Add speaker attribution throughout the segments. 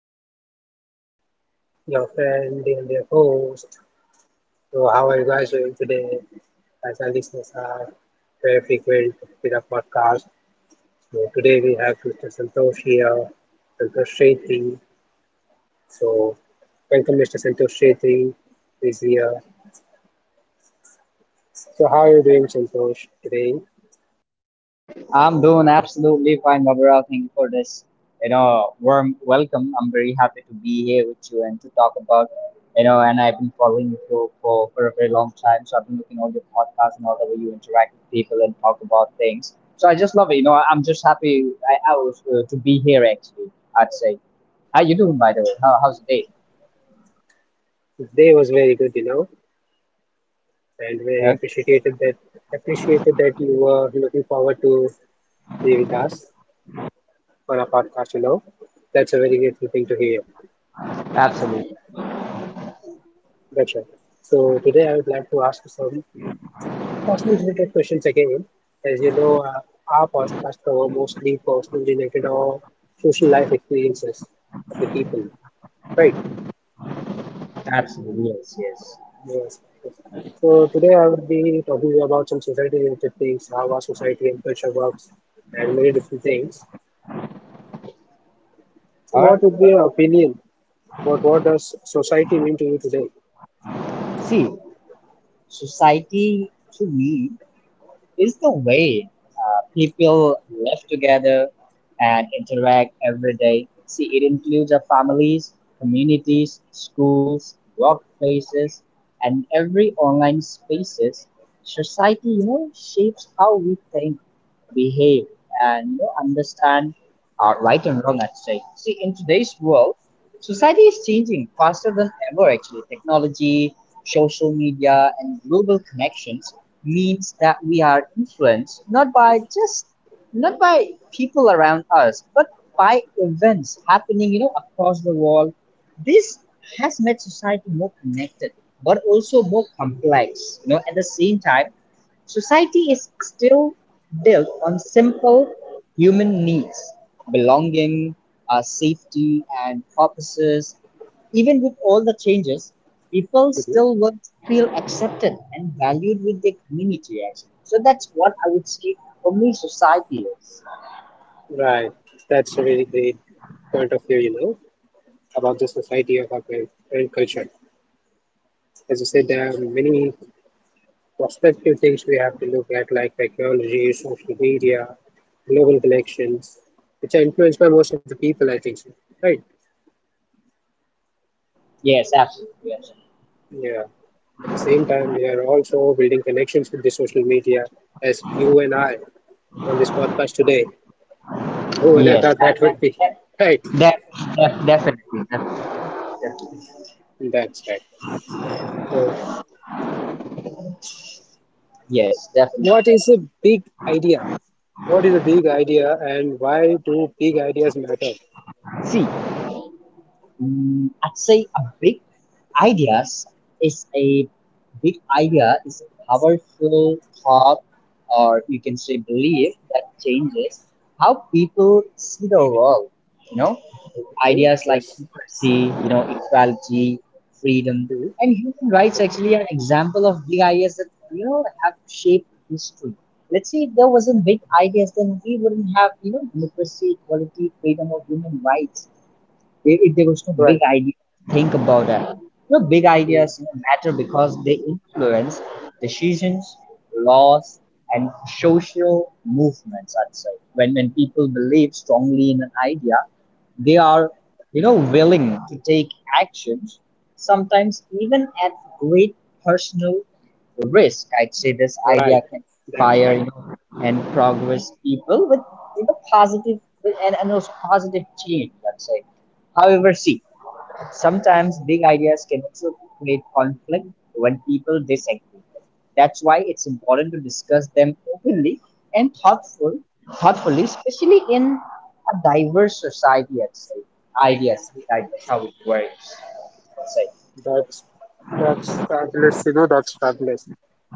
Speaker 1: Pablo here, your friend and your host. So, how are you guys doing today? As our listeners are very frequent with our podcast. So, today we have Mr. Santosh here, Santosh Shetty. So, welcome, Mr. Santosh Shetty, who is here. So, how are you doing, Santosh, today?
Speaker 2: I'm doing absolutely fine, Gabriel. Thank you for this, warm welcome. I'm very happy to be here with you and to talk about, you know, and I've been following you for a very long time. So I've been looking all your podcasts and all the way you interact with people and talk about things. So I just love it. I'm just happy I was to be here actually, I'd say. How you doing, by the way? How's the day?
Speaker 1: Today was very good, you know, and very
Speaker 2: Huh?
Speaker 1: appreciated that you were looking forward to be with us on our podcast, you know. That's a very grateful thing to hear.
Speaker 2: Absolutely.
Speaker 1: That's right. So today I would like to ask you some personal related questions again. As you know, our podcast cover mostly personal related or social life experiences of the people, right?
Speaker 2: Absolutely. Yes, yes.
Speaker 1: Yes, yes. So today I will be talking about some society related things, how our society and culture works, and many different things. So
Speaker 2: All right.
Speaker 1: what would be your opinion about what does society mean to you today?
Speaker 2: See, society to me is the way people live together and interact every day. See, it includes our families, communities, schools, workplaces, and every online spaces. Society, shapes how we think, behave, and understand our right and wrong. I'd say. See, in today's world, society is changing faster than ever. Actually, technology, social media, and global connections means that we are influenced not by people around us but by events happening, you know, across the world. This has made society more connected but also more complex, you know, at the same time. Society is still built on simple human needs: belonging, safety, and purposes. Even with all the changes, people still want to feel accepted and valued with their community, actually. So that's what I would say for me, society is.
Speaker 1: Right. That's a really great point of view, you know, about the society of our current culture. As you said, there are many prospective things we have to look at, like technology, social media, global collections, which are influenced by most of the people, I think so. Right.
Speaker 2: Yes, absolutely. Yes,
Speaker 1: Yeah. At the same time, we are also building connections with the social media, as you and I on this podcast today. Oh, that,
Speaker 2: yes.
Speaker 1: that, that would be right.
Speaker 2: def- Definitely, definitely.
Speaker 1: That's right. So
Speaker 2: Yes, definitely.
Speaker 1: what is a big idea? What is a big idea and why do big ideas matter?
Speaker 2: Definitely. See, I'd say a big ideas is a big idea is a powerful thought, or you can say belief, that changes how people see the world. You know,
Speaker 1: Hmm?
Speaker 2: ideas like
Speaker 1: Yes.
Speaker 2: democracy, you know, equality, freedom,
Speaker 1: Hmm.
Speaker 2: and human rights actually are example of big ideas that, you know, have shaped history. Let's say if there wasn't big ideas, then we wouldn't have, you know, democracy, equality, freedom, or human rights. If there was no big
Speaker 1: Right.
Speaker 2: idea, think about that. Big
Speaker 1: Hmm.
Speaker 2: ideas, matter because they influence decisions, laws, and social movements, I'd say. When people believe strongly in an idea, they are, you know, willing to take actions, sometimes even at great personal risk. I'd say this idea
Speaker 1: Right.
Speaker 2: can
Speaker 1: That's
Speaker 2: inspire,
Speaker 1: right.
Speaker 2: you know, and progress people with, you know, positive and also positive change, let's say. However, see, sometimes big ideas can also create conflict when people disagree. That's why it's important to discuss them openly and thoughtfully, especially in a diverse society. I'd say ideas, big ideas, how it works. That's right.
Speaker 1: That's that's fabulous. You know, that's fabulous.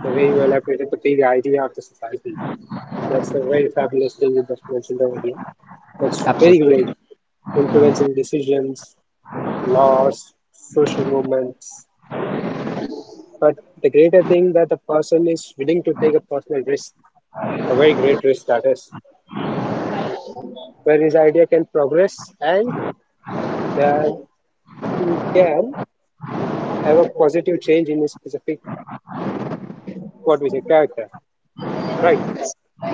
Speaker 1: The way you elaborated the big idea of the society. That's a very fabulous thing you just mentioned over here. That's very great.
Speaker 2: Absolutely.
Speaker 1: Influencing decisions, laws, social movements. But the greater thing that the person is willing to take a personal risk, a very great risk status where his idea can progress and then he can have a positive change in his specific, what we say, character. Right.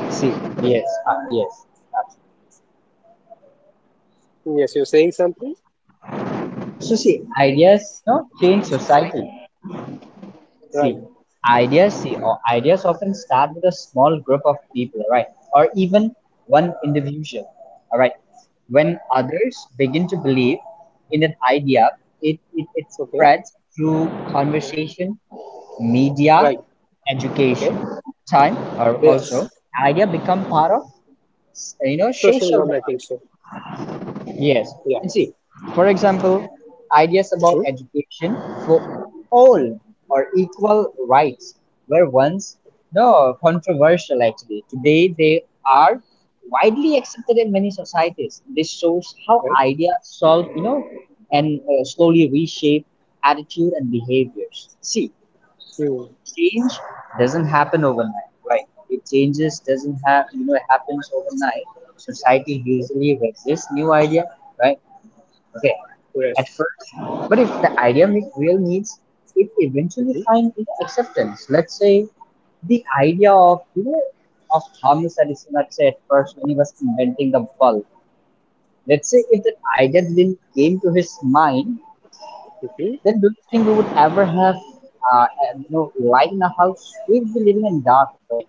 Speaker 2: See, yes, yes, absolutely.
Speaker 1: Yes, you're saying something?
Speaker 2: So see, ideas, no, change society. See,
Speaker 1: Right.
Speaker 2: ideas see or ideas often start with a small group of people, right? Or even one individual. All right. When others begin to believe in an idea, it
Speaker 1: Okay.
Speaker 2: spreads through conversation, media,
Speaker 1: Right. Okay.
Speaker 2: education. Time or also
Speaker 1: Yes.
Speaker 2: idea become part of, you know, social.
Speaker 1: Social, I think so.
Speaker 2: Yes.
Speaker 1: Yeah.
Speaker 2: And see, for example, ideas about
Speaker 1: hmm
Speaker 2: education for all or equal rights were once no controversial actually. Today they are widely accepted in many societies. This shows how
Speaker 1: Right.
Speaker 2: ideas solve, you know, and slowly reshape attitude and behaviors. See,
Speaker 1: Mm.
Speaker 2: change doesn't happen overnight, right? It changes doesn't have you know Happens overnight. Society usually resists new idea, right? Okay,
Speaker 1: Yes.
Speaker 2: at first, but if the idea meets real needs, it eventually
Speaker 1: hmm
Speaker 2: finds, you know, acceptance. Let's say the idea of, you know, of Thomas Edison. Let's say at first when he was inventing the bulb. Let's say if that idea didn't came to his mind,
Speaker 1: hmm
Speaker 2: then do you think we would ever have uh, you know, light in a house? We'd be living in dark, right?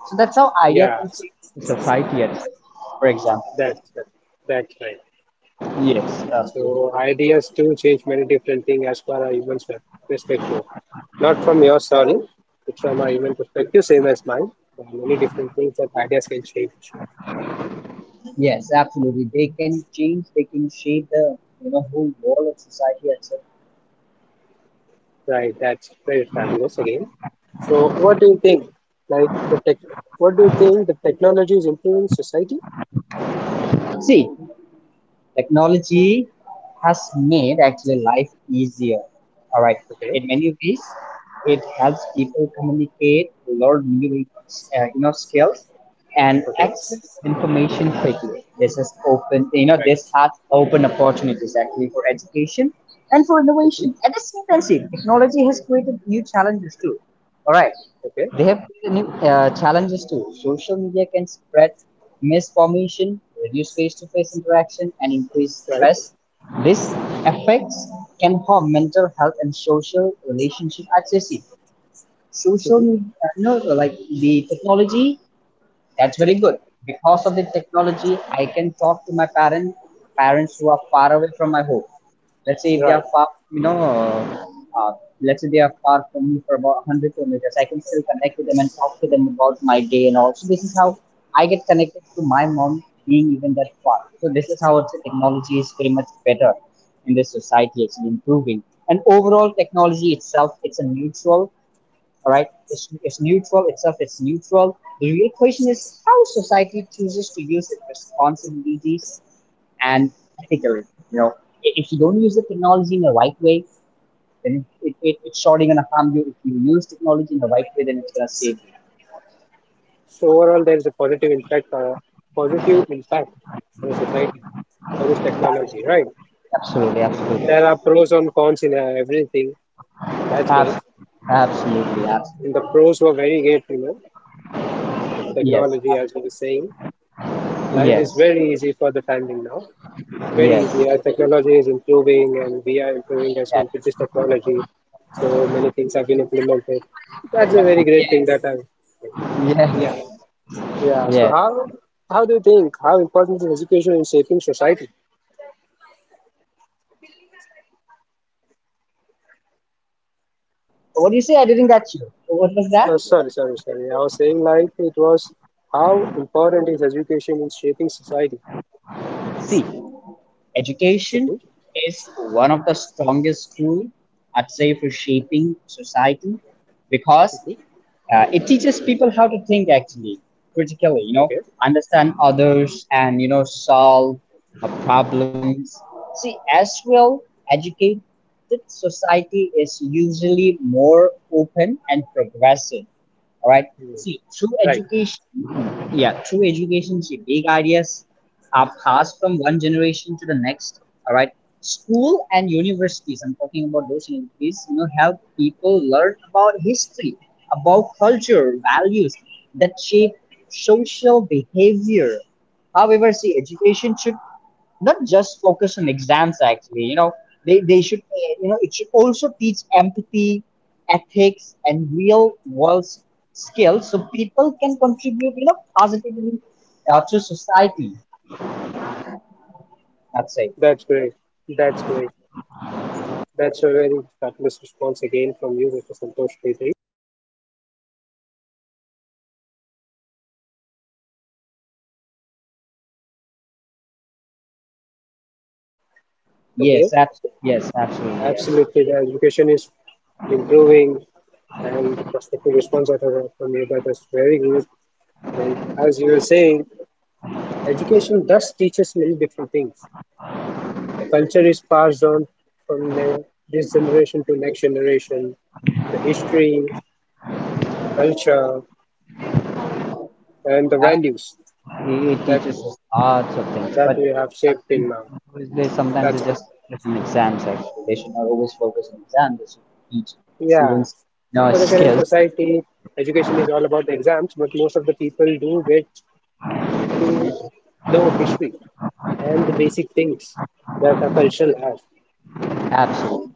Speaker 2: So that's how idea can
Speaker 1: Yeah.
Speaker 2: change the society. At first, for example.
Speaker 1: That's right. That's right.
Speaker 2: Yes, absolutely.
Speaker 1: So ideas do change many different things as per a human's perspective. Not from your sorry, but from a human perspective, same as mine. There are many different things that ideas can change.
Speaker 2: Yes, absolutely. They can change, they can shape the, you know, whole world of society itself.
Speaker 1: Right, that's very fabulous again. So what do you think? Like the tech, what do you think the technology is improving society?
Speaker 2: See, technology has made actually life easier. All right.
Speaker 1: Okay,
Speaker 2: In many ways, it helps people communicate, learn new you know, skills, and
Speaker 1: okay,
Speaker 2: access information quickly.
Speaker 1: right.
Speaker 2: This has opened opportunities actually for education and for
Speaker 1: Mhm.
Speaker 2: innovation. At the same time, see, technology has created new challenges too. All right.
Speaker 1: Okay,
Speaker 2: They have new challenges too. Social media can spread misinformation, reduce face-to-face interaction, and increase stress.
Speaker 1: right.
Speaker 2: These effects can harm mental health and social relationship accuracy. Social media, you know, like the technology, that's very good.
Speaker 1: Mhm.
Speaker 2: Because of the technology, I can talk to my parents, parents who are far away from my home. Let's say if they are
Speaker 1: Right.
Speaker 2: far, you know, uh, let's say they are far from me for about 100 kilometers, I can still connect with them and talk to them about my day and all. So this is how I get connected to my mom being even that far. So this is how the technology is pretty much better in this society, actually improving. And overall, technology itself, it's a neutral. All right, it's neutral itself, it's neutral. The real question is how society chooses to use its responsibilities, and particularly, you know, if you don't use the technology in the right way, then it's surely going to harm you. If you use technology in the right way, then it's going to save you.
Speaker 1: So overall, there is a positive impact on society for this technology, right?
Speaker 2: Absolutely, absolutely.
Speaker 1: There are pros and cons in everything. That's great.
Speaker 2: Abs- Absolutely,
Speaker 1: And the
Speaker 2: absolutely.
Speaker 1: pros were very great, you know, of the
Speaker 2: Yes,
Speaker 1: technology, as we were saying. Life is
Speaker 2: yes,
Speaker 1: very easy for the time being now. Very
Speaker 2: yes,
Speaker 1: easy. Our technology is improving, and we are improving as
Speaker 2: yes,
Speaker 1: well with this technology. So many things have been implemented. That's a very great
Speaker 2: yes,
Speaker 1: thing that I,
Speaker 2: yes,
Speaker 1: yeah. Yeah, so
Speaker 2: yes.
Speaker 1: how do you think how important is education in shaping society?
Speaker 2: So what do you say? I didn't get you. So what was that?
Speaker 1: Oh, sorry. I was saying like it was how important is education in shaping society?
Speaker 2: See, education
Speaker 1: Mhm,
Speaker 2: is one of the strongest tool, I'd say, for shaping society, because
Speaker 1: mhm.
Speaker 2: it teaches people how to think actually critically, you know,
Speaker 1: Okay,
Speaker 2: understand others and, you know, solve problems. See, as well, educated society is usually more open and progressive, all right.
Speaker 1: Mm.
Speaker 2: See, through
Speaker 1: Right.
Speaker 2: education, yeah, through education, see, big ideas are passed from one generation to the next. All right. School and universities, I'm talking about those universities, you know, help people learn about history, about culture, values that shape social behavior. However, see, education should not just focus on exams actually. You know, they should you know, it should also teach empathy, ethics, and skills, so people can contribute, you know, positively to society, I'd say.
Speaker 1: That's great. That's great. That's a very fabulous response again from you, Mr. Santosh Petri. Okay,
Speaker 2: Yes, absolutely. Yes.
Speaker 1: absolutely. The education is improving, and the prospective response that I got from you that was very good. And as you were saying, education thus teaches many different things. The culture is passed on from this generation to next generation, the history, the culture, and the
Speaker 2: Ab-
Speaker 1: values
Speaker 2: it
Speaker 1: that
Speaker 2: teaches us lots of things,
Speaker 1: that
Speaker 2: but
Speaker 1: we have shaped till
Speaker 2: sometimes
Speaker 1: now.
Speaker 2: always they sometimes
Speaker 1: That's
Speaker 2: they
Speaker 1: good.
Speaker 2: just focus on exams actually. They should not always focus on exams, they should teach
Speaker 1: Yeah,
Speaker 2: students, you know,
Speaker 1: for the current
Speaker 2: skills.
Speaker 1: society, education is all about the exams, but most of the people do get to know history and the basic things that a culture has.
Speaker 2: Absolutely.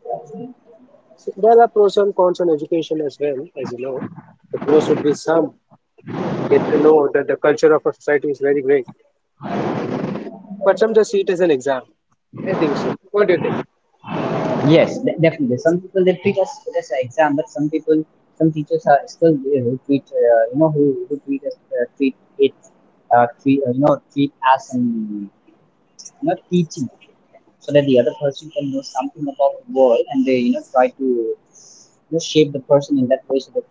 Speaker 1: So there are pros and cons on education as well, as you know. The pros would be some get to know that the culture of a society is very great. But some just see it as an exam. I think so. What do you think?
Speaker 2: Yes, definitely. Some people they treat us it as an exam, but some people, some teachers are still who treat, who treat us uh, treat it treat as an, you know, teaching, so that the other person can know something about the world, and they, you know, try to, you know, shape the person in that way, so that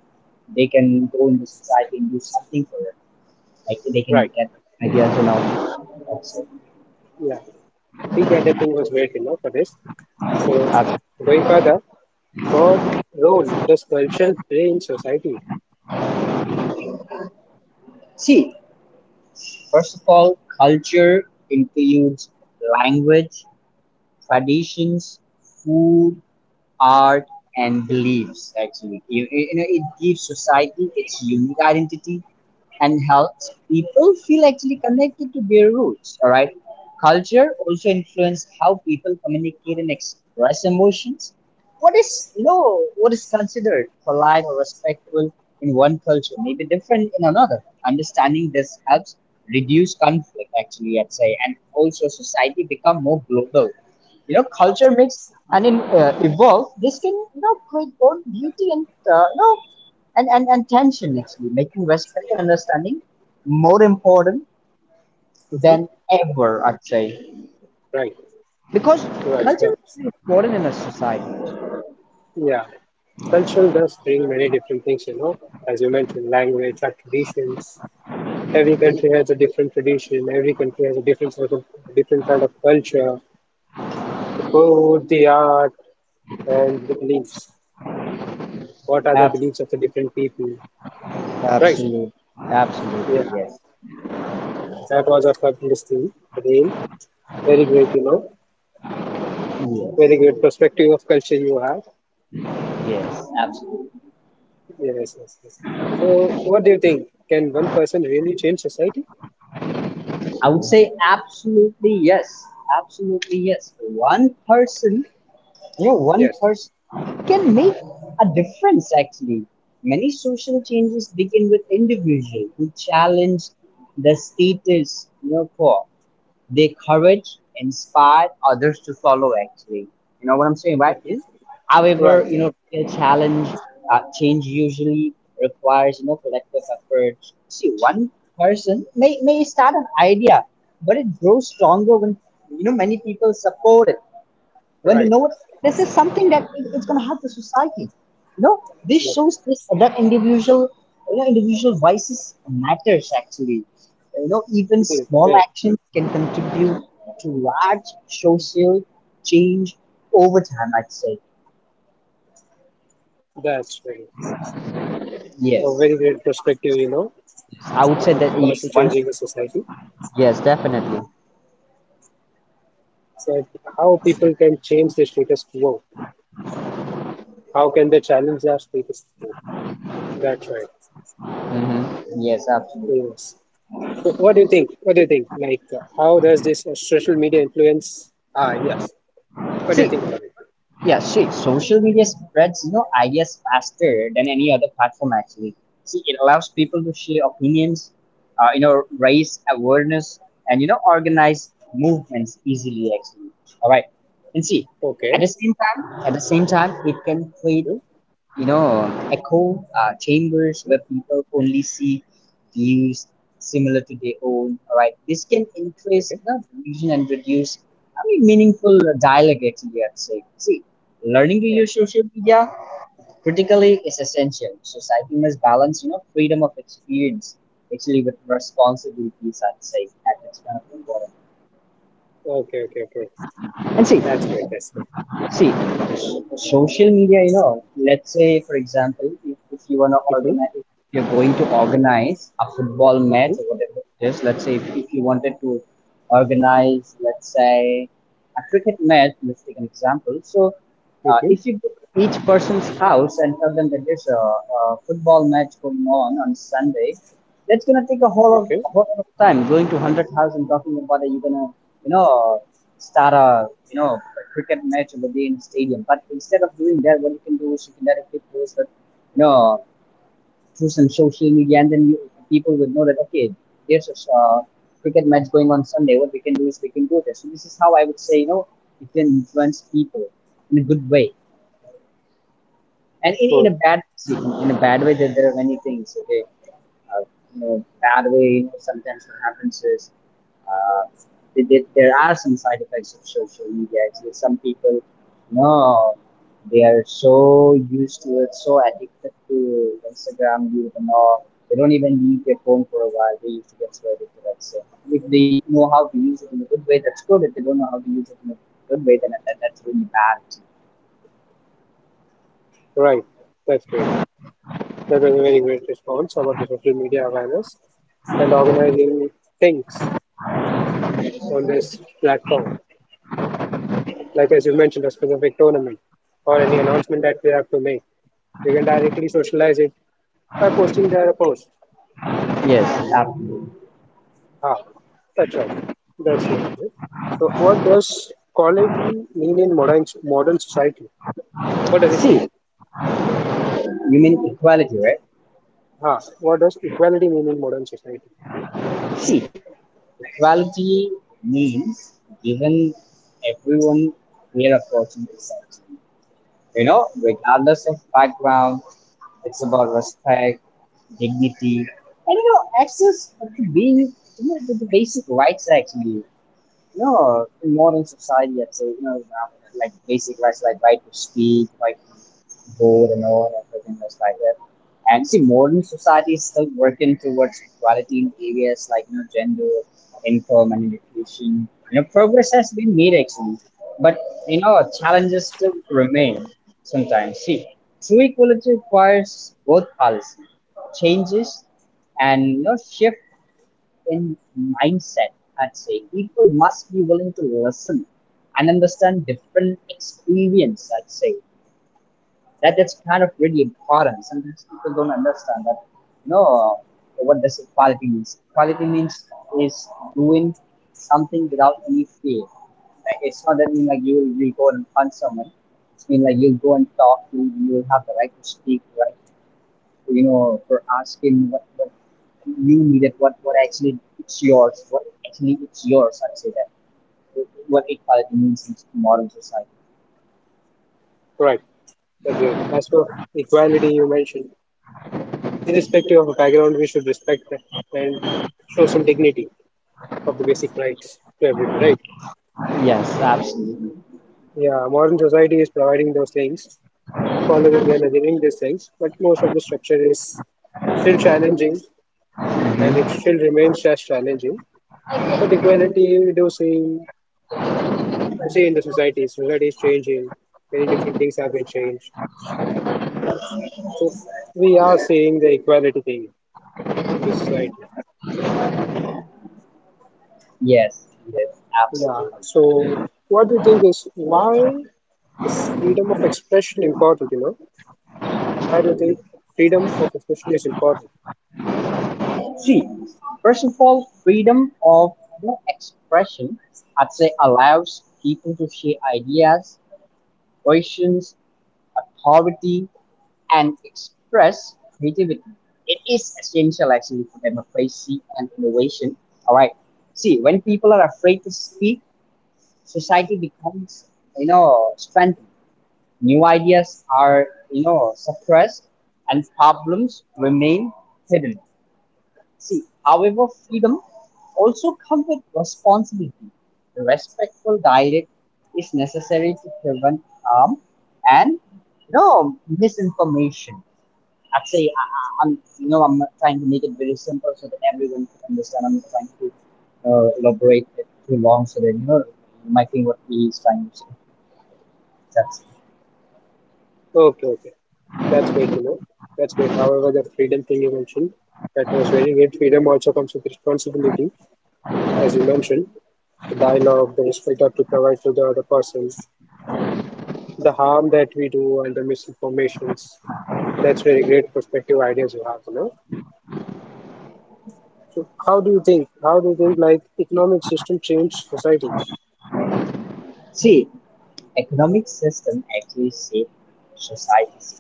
Speaker 2: they can go in the society and do something for it. Like they can
Speaker 1: Right.
Speaker 2: get ideas and all. That's it.
Speaker 1: Yeah. The big data thing was great, you know, for this. So
Speaker 2: Uh,
Speaker 1: going further, what role does culture play in society?
Speaker 2: See, first of all, culture includes language, traditions, food, art, and beliefs. Actually, you know, it gives society its unique identity and helps people feel actually connected to their roots. All right. Culture also influences how people communicate and express emotions. What is considered polite or respectful in one culture may be different in another. Understanding this helps reduce conflict actually, I'd say, and also society become more global. You know, culture makes and evolve. This can, you know, create both beauty and uh, you know and tension actually, making respect and understanding more important than
Speaker 1: Hmm
Speaker 2: ever, I'd say.
Speaker 1: Right.
Speaker 2: Because
Speaker 1: Right. That,
Speaker 2: culture is important in a society.
Speaker 1: yeah. Culture does bring many different things, you know, as you mentioned, language, our traditions. Every country has a different tradition. Every country has a different sort of different kind of culture. The food, the art, and the beliefs. What are the
Speaker 2: Abs-
Speaker 1: beliefs of the different people? Right.
Speaker 2: Absolutely.
Speaker 1: Yeah.
Speaker 2: Absolutely, yes.
Speaker 1: That was a fabulous thing. Again, very great, you know, very
Speaker 2: Yes.
Speaker 1: great perspective of culture you have.
Speaker 2: Yes, absolutely.
Speaker 1: Yes, yes, yes. So, what do you think? Can one person really change society?
Speaker 2: I would say absolutely yes. Absolutely yes. One person, you know, one
Speaker 1: Yes.
Speaker 2: person can make a difference actually. Many social changes begin with individuals who challenge the status, you know, quo. Their courage inspired others to follow, actually. You know what I'm saying, right?
Speaker 1: It is.
Speaker 2: However,
Speaker 1: Right,
Speaker 2: you know, real challenge, change usually requires, you know, collective effort. See, one person may start an idea, but it grows stronger when, you know, many people support it, when they
Speaker 1: right.
Speaker 2: know it, this is something that it's going to help the society, you know. This
Speaker 1: Yes.
Speaker 2: shows this that individual, you know, individual voices matters actually. You know, even
Speaker 1: It is.
Speaker 2: small
Speaker 1: Well,
Speaker 2: actions can contribute to large social change over time, I'd say.
Speaker 1: that's right. A
Speaker 2: Yes,
Speaker 1: very great perspective, you know,
Speaker 2: I would say
Speaker 1: about the
Speaker 2: that yes,
Speaker 1: person
Speaker 2: one.
Speaker 1: changing the society.
Speaker 2: Yes, definitely.
Speaker 1: So, how people can change the status quo? How can they challenge their status quo? That's right.
Speaker 2: Hmm, yes, absolutely.
Speaker 1: Yes. So what do you think? What do you think? Like, how does this social media influence our ideas? What do you
Speaker 2: See,
Speaker 1: think about it?
Speaker 2: yeah, see, social media spreads, you know, ideas faster than any other platform actually. See, it allows
Speaker 1: Mm.
Speaker 2: people to share opinions, you know, raise awareness, and, you know, organize movements easily actually. All right, and see,
Speaker 1: Okay.
Speaker 2: at the same time, it can create,
Speaker 1: hmm
Speaker 2: you know, echo chambers
Speaker 1: hmm
Speaker 2: where people only see views similar to their own. All right, this can increase,
Speaker 1: Okay.
Speaker 2: you know, delusion and reduce, I mean, meaningful dialogue. Actually, I'd say. See, learning to
Speaker 1: Right.
Speaker 2: use social media critically is essential. Society must balance, freedom of experience actually with responsibilities. I'd say that is kind of important.
Speaker 1: Okay. Okay. Okay.
Speaker 2: And see,
Speaker 1: That's great. That's great.
Speaker 2: See, social media, let's say, for example, if you want to
Speaker 1: Hmm
Speaker 2: organize, if you're going to organize a football match
Speaker 1: hmm
Speaker 2: or whatever it is, let's say if you wanted to organize, let's say, a cricket match, let's take an example. So,
Speaker 1: hmm
Speaker 2: if you go to each person's house and tell them that there's a football match going on Sunday. That's going to take a whole of
Speaker 1: Okay.
Speaker 2: a whole lot of time going to 100 house and talking about it. You're going to, you know, start a you know a cricket match over there in a stadium. But instead of doing that, what you can do is you can directly post that you know through some social media, and then people would know that okay, there's a cricket match going on Sunday. What we can do is we can go there. So this is how I would say you can influence people in a good way, and
Speaker 1: Sure.
Speaker 2: in a bad way there are many things. Okay, uh, bad way, sometimes what happens is uh, there are some side effects of social media, actually. Some people, they are so used to it, so addicted to Instagram, they don't even leave their phone for a while. They used to get so addicted to that. So if they know how to use it in a good way, that's good. If they don't know how to use it in a good way, then that's really bad.
Speaker 1: Right. That's great. That was a very great response about the social media awareness and organizing things on this platform. Like as you mentioned, a specific tournament or any announcement that we have to make. We can directly socialize it by posting their post.
Speaker 2: Yes, absolutely.
Speaker 1: Ah, that's right. That's right. So, what does equality mean in modern society? What does it mean?
Speaker 2: See, you mean equality, right?
Speaker 1: Ah, what does equality mean in modern society?
Speaker 2: See, equality means giving everyone fair opportunities, actually. You know, regardless of background, it's about respect, dignity, and access to to the basic rights, actually. No, in modern society, I'd say, like basic rights like right to speak, right to vote and all, everything that's like that. And see, modern society is still working towards equality in areas like, gender, income, and education. You know, progress has been made, actually, but, challenges still remain sometimes. See, true equality requires both policy changes and, shift in mindset, I'd say. People must be willing to listen and understand different experience, I'd say. That is kind of really important. Sometimes people don't understand that, you know, what does equality means. Equality means is doing something without any fear. Like it's not that mean like you will go and punch someone. It's mean like you'll go and talk, you will have the right to speak, right, for asking what you needed, what actually it's yours, what actually it's yours, I'd say that. What equality means in modern society.
Speaker 1: Right. That's right. As for equality, you mentioned, irrespective of background, we should respect and show some dignity of the basic rights to everybody, right?
Speaker 2: Yes, absolutely.
Speaker 1: Yeah, modern society is providing those things, following and adhering these things, but most of the structure is still challenging and it
Speaker 2: Hmm.
Speaker 1: still remains just challenging. But equality we do see to see in the society. Society is changing, many different things have been changed. So we are seeing the equality thing in the society.
Speaker 2: Yes, yes,
Speaker 1: Yeah.
Speaker 2: absolutely.
Speaker 1: So what do you think is why is freedom of expression important, you know? Why do you think freedom of expression is important?
Speaker 2: See, first of all, freedom of expression, I'd say, allows people to share ideas, questions, authority, and express creativity. It is essential actually for democracy and innovation. All right. See, when people are afraid to speak, society becomes, strengthened. New ideas are, suppressed and problems remain hidden. See, however, freedom also comes with responsibility. The respectful dialogue is necessary to prevent harm and misinformation. Actually, I- I'm you know I'm trying to make it very simple so that everyone can understand. I'm not trying to elaborate it too long so that you might think what he is trying to say. That's it.
Speaker 1: Okay, okay. That's great, you know. That's great. However, the freedom thing you mentioned, that was very great. Freedom also comes with responsibility, as you mentioned, the dialogue, the respect that we provide to the other person, the harm that we do, and the misinformations. That's very great perspective ideas you have, you know. So how do you think like economic system change society?
Speaker 2: See, economic system actually shape society. See,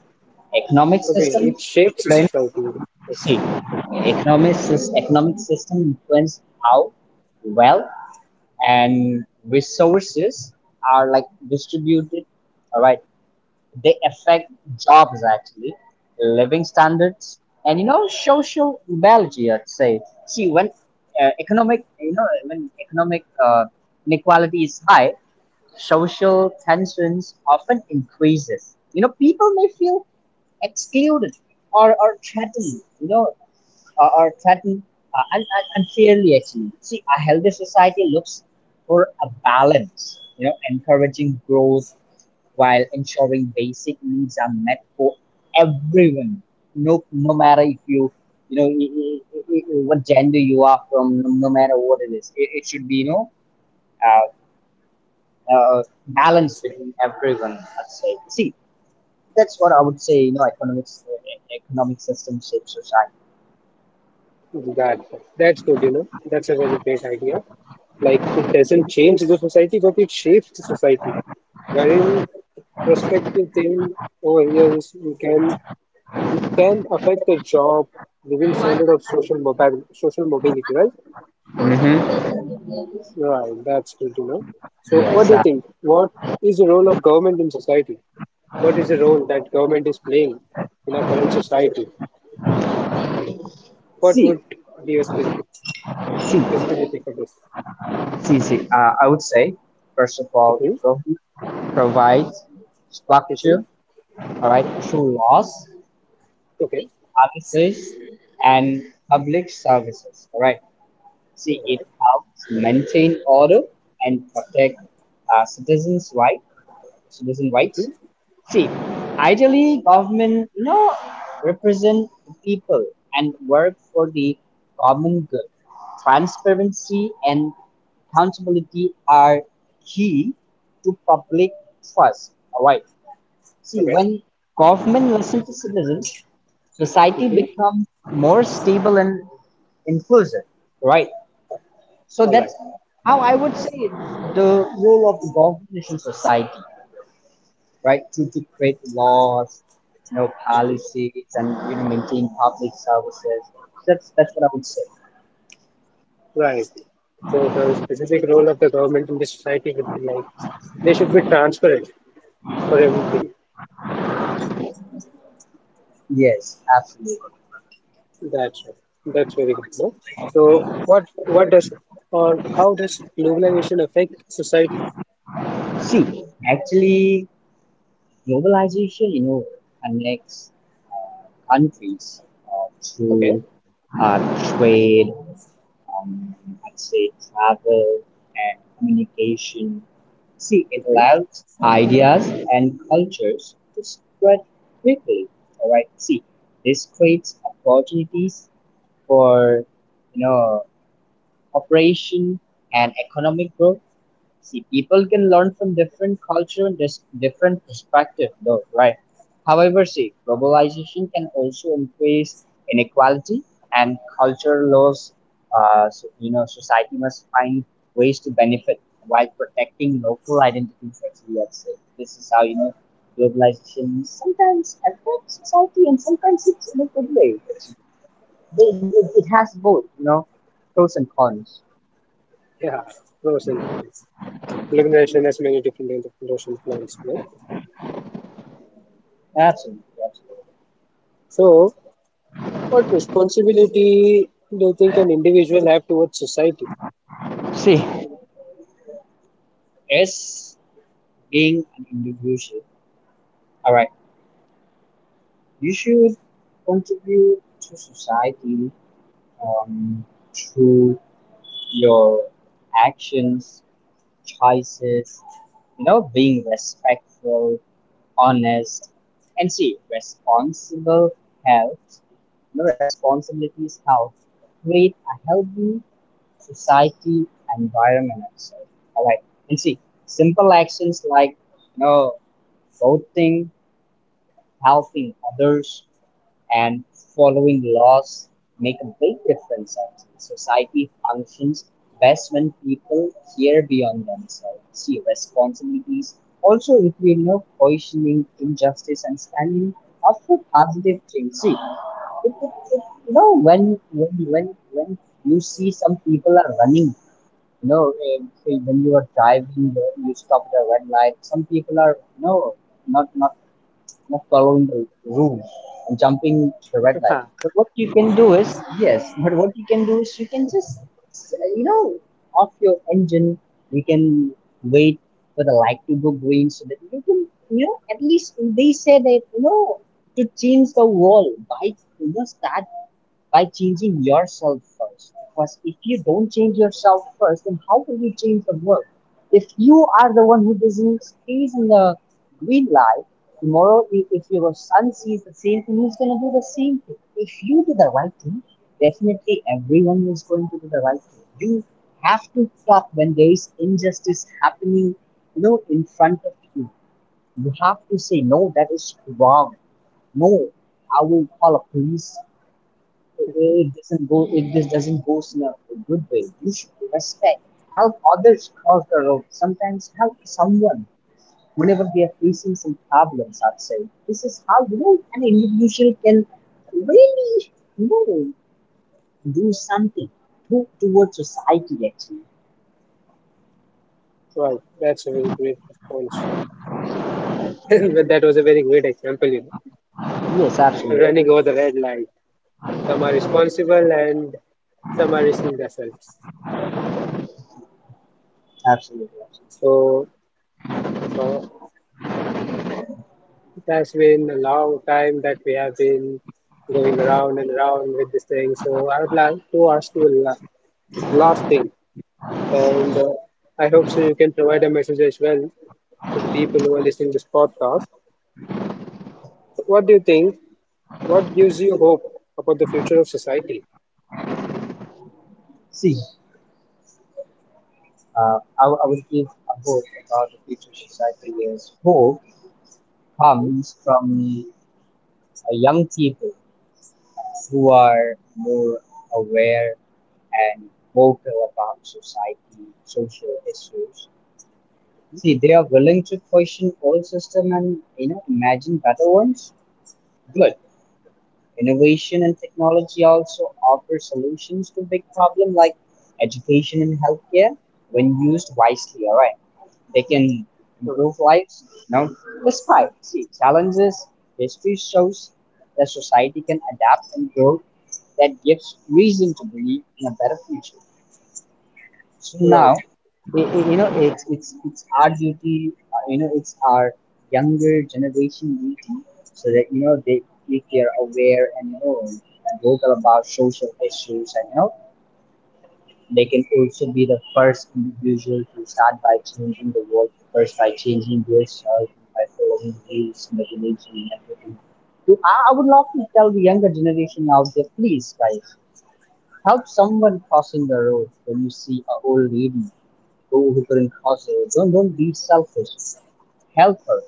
Speaker 2: economic
Speaker 1: Okay,
Speaker 2: system
Speaker 1: it shapes
Speaker 2: influence.
Speaker 1: society, I see.
Speaker 2: See, economic system influence how wealth and resources are like distributed. All right, they affect jobs actually, living standards, and social reality, I'd say. See, when economic inequality is high, social tensions often increases. You know, people may feel excluded or threatened. You know, or threatened unfairly, actually. See, a healthy society looks for a balance. You know, encouraging growth while ensuring basic needs are met for everyone. No, no matter if you, you know, I- what gender you are from, no no matter what it is, it should be, uh, uh, balance between everyone, I'd say. See, that's what I would say. You know, economic system shapes society.
Speaker 1: That that's good, you know. That's a very great idea. Like it doesn't change the society, but it shapes the society. Wherein prospective thing over here is you can it can affect the job, living standard of social mobility, right?
Speaker 2: Hmm.
Speaker 1: Right, that's good, you know. So what
Speaker 2: Yes.
Speaker 1: do you think? What is the role of government in society? What is the role that government is playing in our current society? What
Speaker 2: See,
Speaker 1: would be a
Speaker 2: see,
Speaker 1: specific for this?
Speaker 2: see. I would say, first of all,
Speaker 1: Mhm,
Speaker 2: government provides
Speaker 1: mhm.
Speaker 2: structure, all right,
Speaker 1: Mhm.
Speaker 2: through laws,
Speaker 1: Okay.
Speaker 2: services and public services. All right. See,
Speaker 1: All
Speaker 2: it
Speaker 1: right.
Speaker 2: helps maintain order and protect uh, citizens' right, citizen rights.
Speaker 1: Mhm.
Speaker 2: See, ideally, government represent the people and work for the common good. Transparency and accountability are key to public trust. All right. See,
Speaker 1: Okay.
Speaker 2: when government listens to citizens, society
Speaker 1: Mhm.
Speaker 2: becomes more stable and inclusive, right? So
Speaker 1: All
Speaker 2: that's
Speaker 1: right.
Speaker 2: how I would say it, the role of the government in society, right? To create laws,
Speaker 1: Mhm.
Speaker 2: policies, and maintain public services. That's what I would say.
Speaker 1: Right. So the specific role of the government in the society would be like they should be transparent for everything.
Speaker 2: Yes, absolutely.
Speaker 1: That's right. That's very good. No? So what does or how does globalization affect society?
Speaker 2: See, actually, globalization, connects countries
Speaker 1: Okay.
Speaker 2: through uh, trade, um, I'd say travel and communication. See, it
Speaker 1: Mhm.
Speaker 2: allows ideas and cultures to spread quickly. All right. See, this creates opportunities for you know cooperation and economic growth. See, people can learn from different culture and different perspective, though, right? However, see, globalization can also increase inequality and cultural laws. So, society must find ways to benefit while protecting local identities, actually, at stake. This is how globalization sometimes affects society and sometimes it's in a good way. Actually, it has both, pros and cons.
Speaker 1: Yeah. Pros and cons. Globalization has many different kinds of pros and cons. No?
Speaker 2: Absolutely, absolutely.
Speaker 1: So what responsibility do you think an individual have towards society?
Speaker 2: See, yes, being an individual. All right, you should contribute to society, um, through your actions, choices, being respectful, honest, and see, responsible helps. You know, responsibilities help create a healthy society environment. So, all right, and see, simple actions like you know voting, helping others and following laws make a big difference, actually. Society functions best when people care beyond themselves. See, responsibilities also include, questioning injustice and standing up for positive change. See, it, it, when you see some people are running, say when you are driving, you stop at a red light, some people are, not, not not following the rules and jumping the red light.
Speaker 1: Ha.
Speaker 2: But what you can do is, yes, but what you can do is you can just, s- you know, off your engine, you can wait for the light to go green so that you can, at least they say that, to change the wall, bike, start by changing yourself first. Because if you don't change yourself first, then how will you change the world? If you are the one who doesn't stays in the green light, tomorrow if your son sees the same thing, he's gonna do the same thing. If you do the right thing, definitely everyone is going to do the right thing. You have to stop when there is injustice happening, in front of you. You have to say no, that is wrong. No, I will call a police, it doesn't go. It just doesn't go in a good way. You should respect. Help others cross the road. Sometimes help someone whenever they are facing some problems outside. This is how an individual can really you know do something towards society, actually.
Speaker 1: Wow, that's a very great response. But that was a very great example, you know.
Speaker 2: Yes, absolutely,
Speaker 1: Running over the red light. Some are responsible and some are risking themselves.
Speaker 2: absolutely, absolutely.
Speaker 1: So, so it has been a long time that we have been going around and around with this thing. So I would like to ask you a last thing, and I hope so you can provide a message as well to the people who are listening to this podcast. So what do you think? What gives you hope about the future of society?
Speaker 2: See, I will give a hope about the future society is hope
Speaker 1: Mhm.
Speaker 2: comes from young people who are more aware and vocal about social issues. See, they are willing to question old system and imagine better ones. Good. Innovation and technology also offer solutions to big problem like education and healthcare when used wisely. All right. They can
Speaker 1: Mhm. Right.
Speaker 2: improve lives. No, despite see challenges, history shows that society can adapt and grow. That gives reason to believe in a better future. So now,
Speaker 1: Right.
Speaker 2: it's our duty. You know, it's our younger generation duty, so that they if they are aware and vocal about social issues and they can also be the first individual to start by changing the world first by changing themselves by following rules, regulation, and everything. So I would love to tell the younger generation out there, please, guys, help someone crossing the road when you see an old lady who couldn't cross the road. Don't be selfish. Help her.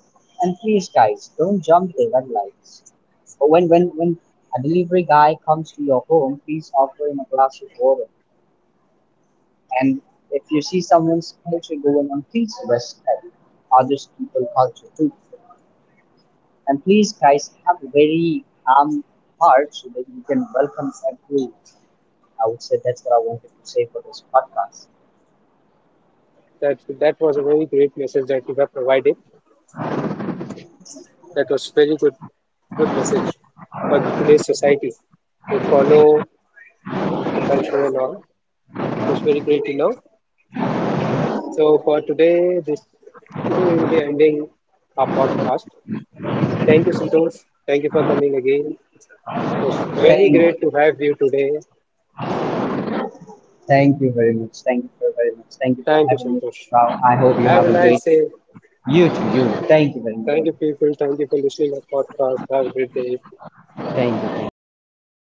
Speaker 2: And please, guys, don't jump the red lights. But when a delivery guy comes to your home, please offer him a glass of water. And if you see someone's culture going on, please respect others people's culture too. And please, guys, have a very calm heart so that you can welcome everyone. I would say that's what I wanted to say for this podcast.
Speaker 1: That was a very great message that you have provided. That was very good message for today's society to follow the culture and all. It was very great to know. So for today, this today we will be ending our podcast. Thank you, Santosh. Thank you for coming again. It was very
Speaker 2: Thank,
Speaker 1: great to have you today.
Speaker 2: thank you very much. Thank you for very much. Thank you for
Speaker 1: Thank you,
Speaker 2: having me.
Speaker 1: Santosh.
Speaker 2: Well, I hope you
Speaker 1: Have a
Speaker 2: have a great
Speaker 1: nice day.
Speaker 2: day. Thank you very
Speaker 1: Thank
Speaker 2: much.
Speaker 1: you, people. Thank you for listening to our podcast. Have a great day.
Speaker 2: Thank you. Thank you.